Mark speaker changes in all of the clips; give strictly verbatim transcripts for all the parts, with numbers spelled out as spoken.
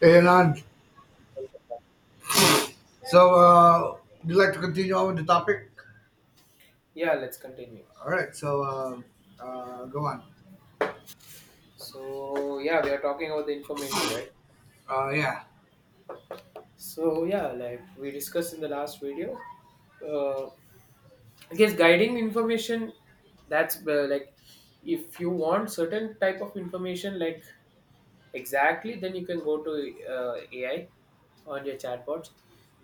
Speaker 1: Hey, Anand. So, uh, would you like to continue on with the topic?
Speaker 2: Yeah, let's continue.
Speaker 1: All right. So, uh, uh, go on.
Speaker 2: So yeah, we are talking about the information, right?
Speaker 1: Uh, yeah,
Speaker 2: So yeah, like we discussed in the last video, uh, I guess guiding information, that's uh, like, if you want certain type of information like exactly, then you can go to uh, A I on your chatbots.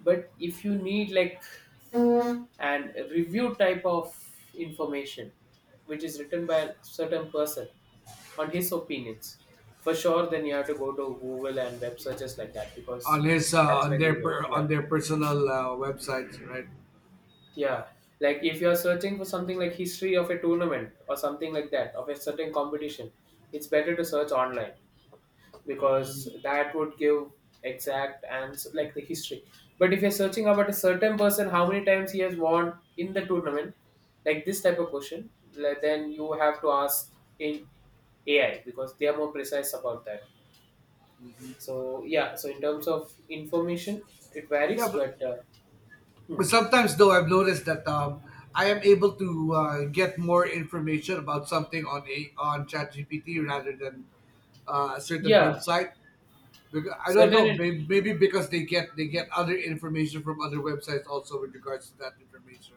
Speaker 2: But if you need like an review type of information which is written by a certain person on his opinions for sure, then you have to go to google and web searches like that,
Speaker 1: on
Speaker 2: because
Speaker 1: his uh,
Speaker 2: that's
Speaker 1: on
Speaker 2: when you
Speaker 1: their
Speaker 2: get,
Speaker 1: per, on
Speaker 2: yeah.
Speaker 1: their personal uh, websites, right? Yeah.
Speaker 2: Yeah, like if you're searching for something like history of a tournament or something like that of a certain competition, it's better to search online, because
Speaker 1: Mm.
Speaker 2: that would give exact answer like the history. But if you're searching about a certain person how many times he has won in the tournament, like this type of question, like, then you have to ask in A I because they are more precise about that. So yeah, so in terms of information it
Speaker 1: Yeah,
Speaker 2: varies,
Speaker 1: but,
Speaker 2: but uh, hmm.
Speaker 1: but sometimes though I've noticed that um, I am able to uh, get more information about something on a on ChatGPT rather than uh, a certain
Speaker 2: Yeah,
Speaker 1: website. Because I don't know,
Speaker 2: certain
Speaker 1: maybe, maybe because they get they get other information from other websites also with regards to that information.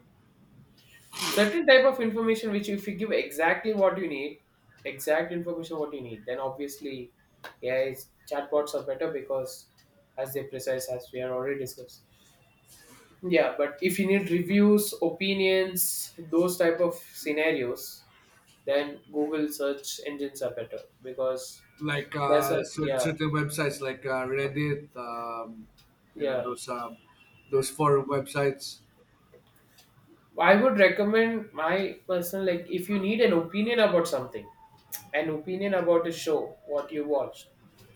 Speaker 2: certain type of information which, if you give exactly what you need, exact information what you need, then obviously A I's chatbots are better, because as they precise as we are already discussed. Yeah, but if you need reviews, opinions, those type of scenarios, then google search engines are better because,
Speaker 1: Like
Speaker 2: that's
Speaker 1: uh,
Speaker 2: a,
Speaker 1: cer-
Speaker 2: yeah.
Speaker 1: certain websites like uh, Reddit, um, you know
Speaker 2: Yeah,
Speaker 1: those um, those forum websites.
Speaker 2: I would recommend my personal, like if you need an opinion about something, an opinion about a show, what you watched,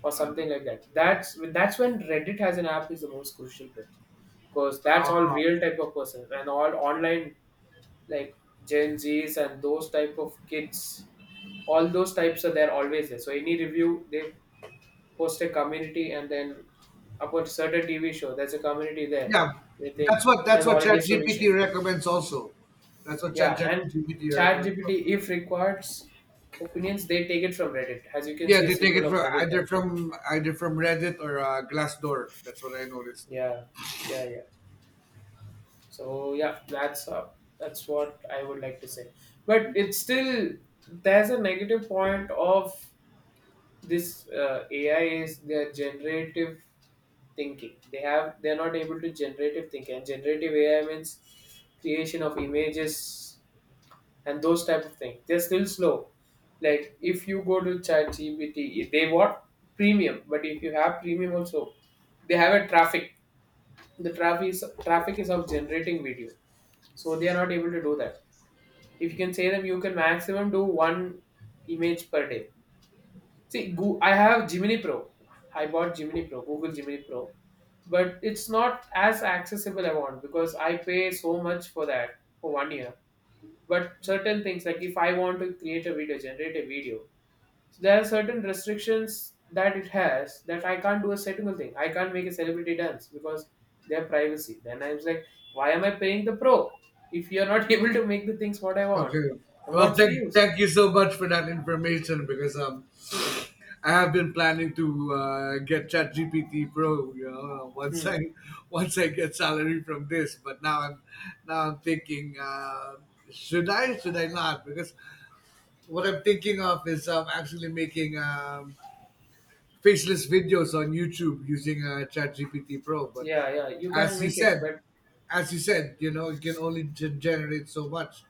Speaker 2: or something like that. That's that's when Reddit has an app is the most crucial bit, because that's all
Speaker 1: Uh,
Speaker 2: real type of person and all online, like Gen Zs and those type of kids. All those types are there, always there. So any review they post a community and then about certain T V show there's a community there.
Speaker 1: yeah,
Speaker 2: They think
Speaker 1: that's what that's
Speaker 2: there's
Speaker 1: what
Speaker 2: already a solution.
Speaker 1: ChatGPT recommends. Also, that's what
Speaker 2: Yeah, and
Speaker 1: ChatGPT recommends.
Speaker 2: ChatGPT, if requires opinions, they take it from Reddit. As you can
Speaker 1: Yeah,
Speaker 2: see, a
Speaker 1: they take it
Speaker 2: symbol of
Speaker 1: from
Speaker 2: Reddit
Speaker 1: either
Speaker 2: there.
Speaker 1: from either from Reddit or uh, Glassdoor. That's what I noticed.
Speaker 2: Yeah, yeah, yeah. So yeah, that's uh, that's what I would like to say. But it's still, there's a negative point of this uh, A I is their generative thinking. They have, they're not able to generative think, and generative A I means creation of images and those type of things. They're still slow. Like if you go to ChatGPT, they want premium, but if you have premium also, they have a traffic. The traffic is traffic is of generating video, so they are not able to do that. If you can say them, you can maximum do one image per day. See, Goo- I have Gemini Pro. I bought Gemini Pro, Google Gemini Pro, but it's not as accessible I want because I pay so much for that for one year. But certain things like if I want to create a video, generate a video, so there are certain restrictions that it has that I can't do a single thing. I can't make a celebrity dance because their privacy. Then I was like, why am I paying the pro if you're not able to make the things what I want?
Speaker 1: Okay.
Speaker 2: And
Speaker 1: Well,
Speaker 2: what's the
Speaker 1: thank
Speaker 2: use?
Speaker 1: thank you so much for that information because um I have been planning to uh, get ChatGPT Pro. You know, once I
Speaker 2: Hmm.
Speaker 1: once I get salary from this, but now I'm now I'm thinking, uh, should I? Should I not? Because what I'm thinking of is um, actually making um, faceless videos on YouTube using uh, ChatGPT Pro. But
Speaker 2: Yeah, yeah, you can
Speaker 1: as you
Speaker 2: make it,
Speaker 1: said,
Speaker 2: but
Speaker 1: as you said, you know, it can only g- generate so much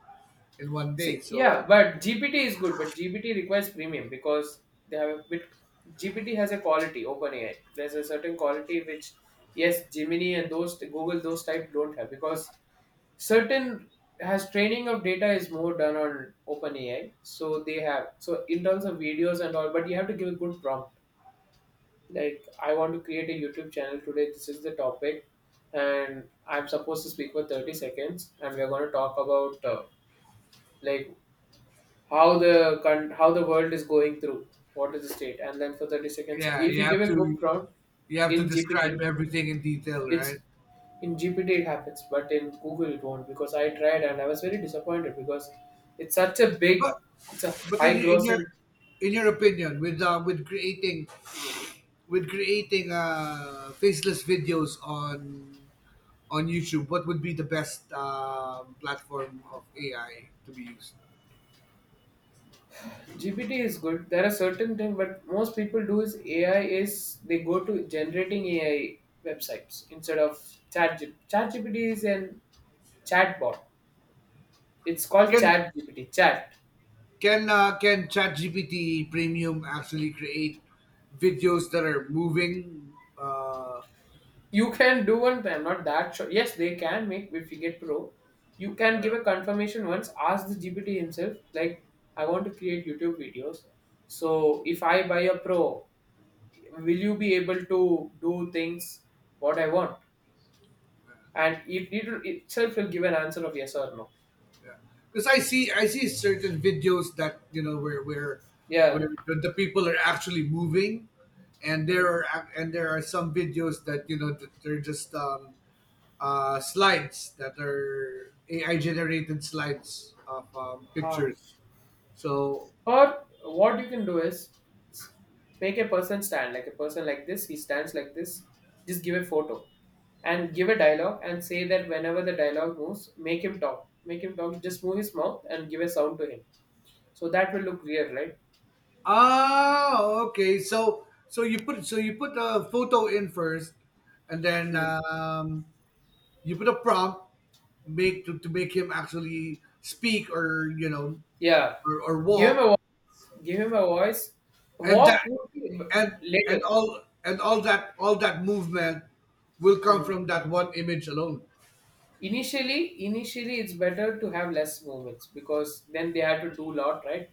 Speaker 1: in one day.
Speaker 2: see, yeah,
Speaker 1: So
Speaker 2: but G P T is good, but G P T requires premium because they have a bit. G P T has a quality. OpenAI, there's a certain quality which, yes, Gemini and those Google those type don't have, because certain has training of data is more done on OpenAI, so they have, so in terms of videos and all, but you have to give a good prompt, like I want to create a youtube channel today, this is the topic, and I'm supposed to speak for thirty seconds, and we're going to talk about uh, like how the con- how the world is going through, what is the state, and then for thirty seconds
Speaker 1: yeah,
Speaker 2: if
Speaker 1: you
Speaker 2: you give
Speaker 1: have
Speaker 2: a good
Speaker 1: to
Speaker 2: prompt
Speaker 1: you have to
Speaker 2: in
Speaker 1: describe
Speaker 2: G P T
Speaker 1: everything in detail, right?
Speaker 2: it's, in G P T it happens, but in Google it won't, because I tried and I was very disappointed because it's such a
Speaker 1: But
Speaker 2: big, it's a
Speaker 1: but in,
Speaker 2: high
Speaker 1: in your
Speaker 2: grossing.
Speaker 1: in your opinion, with uh, with creating with creating uh, faceless videos on on YouTube, what would be the best um, platform of A I to be used?
Speaker 2: G P T is good. There are certain things, but most people do is A I, is they go to generating A I websites instead of chat. Chat G P T is an chatbot. It's called
Speaker 1: Can
Speaker 2: chat G P T. Chat.
Speaker 1: can uh, can ChatGPT Premium actually create videos that are moving? Uh,
Speaker 2: You can do one thing. I'm not that sure. Yes, they can make if you get pro. You can give
Speaker 1: yeah.
Speaker 2: a confirmation once, ask the G P T himself, like, I want to create YouTube videos. So if I buy a pro, will you be able to do things what I want? And it, it itself will give an answer of yes or no.
Speaker 1: Yeah, because I see I see certain videos that you know where where where
Speaker 2: Yeah.
Speaker 1: the people are actually moving, and there
Speaker 2: Mm.
Speaker 1: are ac- and there are some videos that you know that they're just um, uh, slides that are A I generated slides of um,
Speaker 2: Huh.
Speaker 1: pictures. So
Speaker 2: Or what you can do is s- make a person stand like a person like this. He stands like this. Just give a photo and give a dialogue and say that whenever the dialogue moves, make him talk. Make him talk. Just move his mouth and give a sound to him. So that will look real, right?
Speaker 1: ah okay, so so you put so you put a photo in first, and then
Speaker 2: Hmm.
Speaker 1: um, you put a prompt make to, to make him actually speak or you know
Speaker 2: Yeah.
Speaker 1: or, or
Speaker 2: Give him
Speaker 1: walk
Speaker 2: a voice. Give him a voice.
Speaker 1: and that
Speaker 2: Walk would be
Speaker 1: and and
Speaker 2: later.
Speaker 1: all and all that all that movement will come
Speaker 2: Hmm.
Speaker 1: from that one image alone.
Speaker 2: Initially, initially it's better to have less moments because then they have to do a lot, right?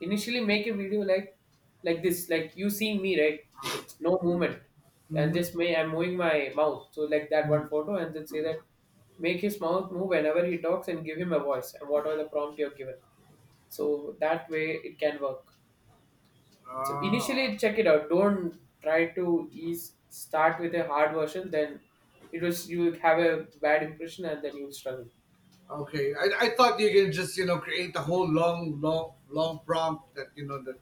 Speaker 2: Initially, make a video like like this, like you see me, right? No movement, and just may I'm moving my mouth, so like that one photo, and then say that make his mouth move whenever he talks and give him a voice and whatever the prompt you're given. So that way it can work. So
Speaker 1: Ah,
Speaker 2: initially check it out. Don't try to ease start with a hard version, then it was you will have a bad impression and then you will struggle.
Speaker 1: okay. i, I thought you can just you know create a whole long long long prompt that you know that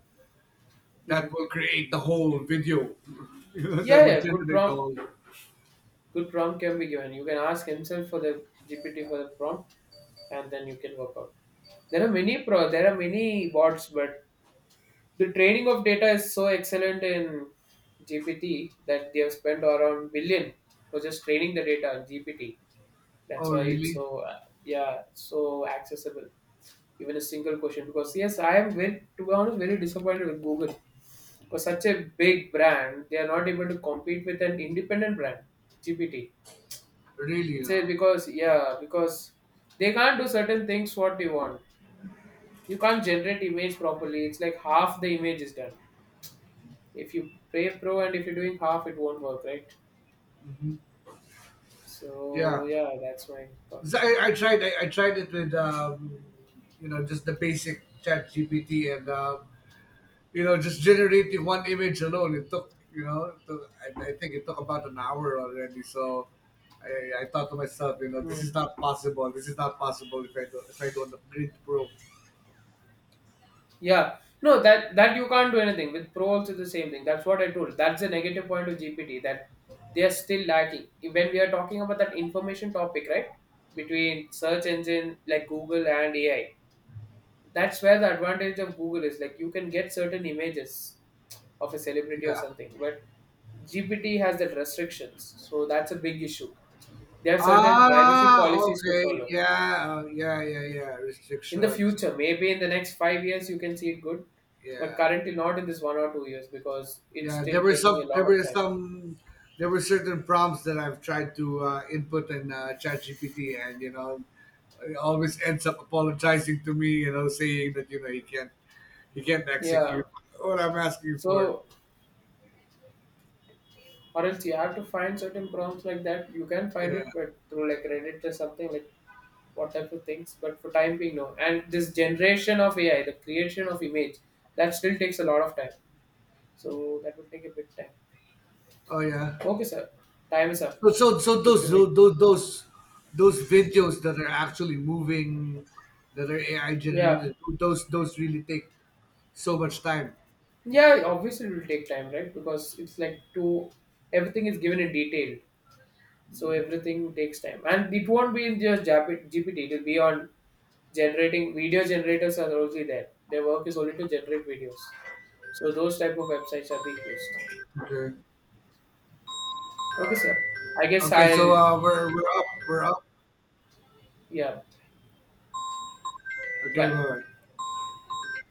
Speaker 2: Hmm.
Speaker 1: that will create the whole video you know, that
Speaker 2: Yeah,
Speaker 1: would
Speaker 2: yeah, good
Speaker 1: generate the
Speaker 2: prompt.
Speaker 1: whole.
Speaker 2: Good prompt can be given. You can ask himself for the G P T for the prompt, and then you can work out. There are many pro. There are many bots, but the training of data is so excellent in G P T that they have spent around billion for just training the data on G P T.
Speaker 1: Oh
Speaker 2: That's why it's
Speaker 1: really.
Speaker 2: so uh, yeah, so accessible. Even a single question, because yes, I am very, to be honest, very disappointed with Google. For such a big brand, they are not able to compete with an independent brand, G P T.
Speaker 1: Really
Speaker 2: It's a,
Speaker 1: now.
Speaker 2: because yeah, because they can't do certain things what you want. You can't generate image properly. It's like half the image is done. If you pay pro and if you're doing half, it won't work, right?
Speaker 1: Yeah.
Speaker 2: So yeah, that's my thought.
Speaker 1: 'Cause I, I tried I, I tried it with um, you know just the basic chat gpt and uh, you know, just generating one image alone, it took, you know, it took, I, I think it took about an hour already. So I, I thought to myself, you know, this
Speaker 2: Hmm.
Speaker 1: is not possible. This is not possible if I do, if I don't upgrade the pro.
Speaker 2: Yeah. No, that that you can't do anything. With Pro also the same thing. That's what I told. That's the negative point of G P T that they are still lacking. When we are talking about that information topic, right? Between search engine like Google and A I. That's where the advantage of Google is. Like you can get certain images of a celebrity or
Speaker 1: Yeah.
Speaker 2: something. But G P T has that restrictions. So that's a big issue. They have certain privacy
Speaker 1: Ah,
Speaker 2: policies to
Speaker 1: okay.
Speaker 2: follow.
Speaker 1: Yeah, uh, yeah, yeah, yeah.
Speaker 2: In the
Speaker 1: Restrictions.
Speaker 2: future, maybe in the next five years you can see it good, but
Speaker 1: Yeah,
Speaker 2: currently not in this one or two years, because it's
Speaker 1: yeah. There
Speaker 2: still
Speaker 1: were
Speaker 2: taking a
Speaker 1: some. There
Speaker 2: lot
Speaker 1: were
Speaker 2: of time.
Speaker 1: some. There were certain prompts that I've tried to uh, input in uh, ChatGPT, and you know, it always ends up apologizing to me. You know, saying that you know he can't he can't
Speaker 2: Yeah,
Speaker 1: execute what I'm asking you for.
Speaker 2: so, or else you have to find certain prompts like that, you can find
Speaker 1: Yeah.
Speaker 2: it but through like reddit or something like what type of things, but for time being no, and this generation of A I, the creation of image, that still takes a lot of time, so that will take a bit time.
Speaker 1: Oh yeah.
Speaker 2: Okay sir, time is up.
Speaker 1: So so so
Speaker 2: Good
Speaker 1: those
Speaker 2: to meet you.
Speaker 1: those those those videos that are actually moving, that are A I
Speaker 2: Yeah.
Speaker 1: generated, those those really take so much time.
Speaker 2: Yeah, obviously it will take time, right? Because it's like to, everything is given in detail, so everything takes time, and it won't be in just Jap- G P T. It'll be on generating video generators are already there. Their work is only to generate videos, so those type of websites are being used.
Speaker 1: Okay. Uh,
Speaker 2: Okay, sir. I guess
Speaker 1: okay, so
Speaker 2: I'll,
Speaker 1: uh, we're we're up, we're up.
Speaker 2: yeah.
Speaker 1: Okay,
Speaker 2: Bye.
Speaker 1: bye.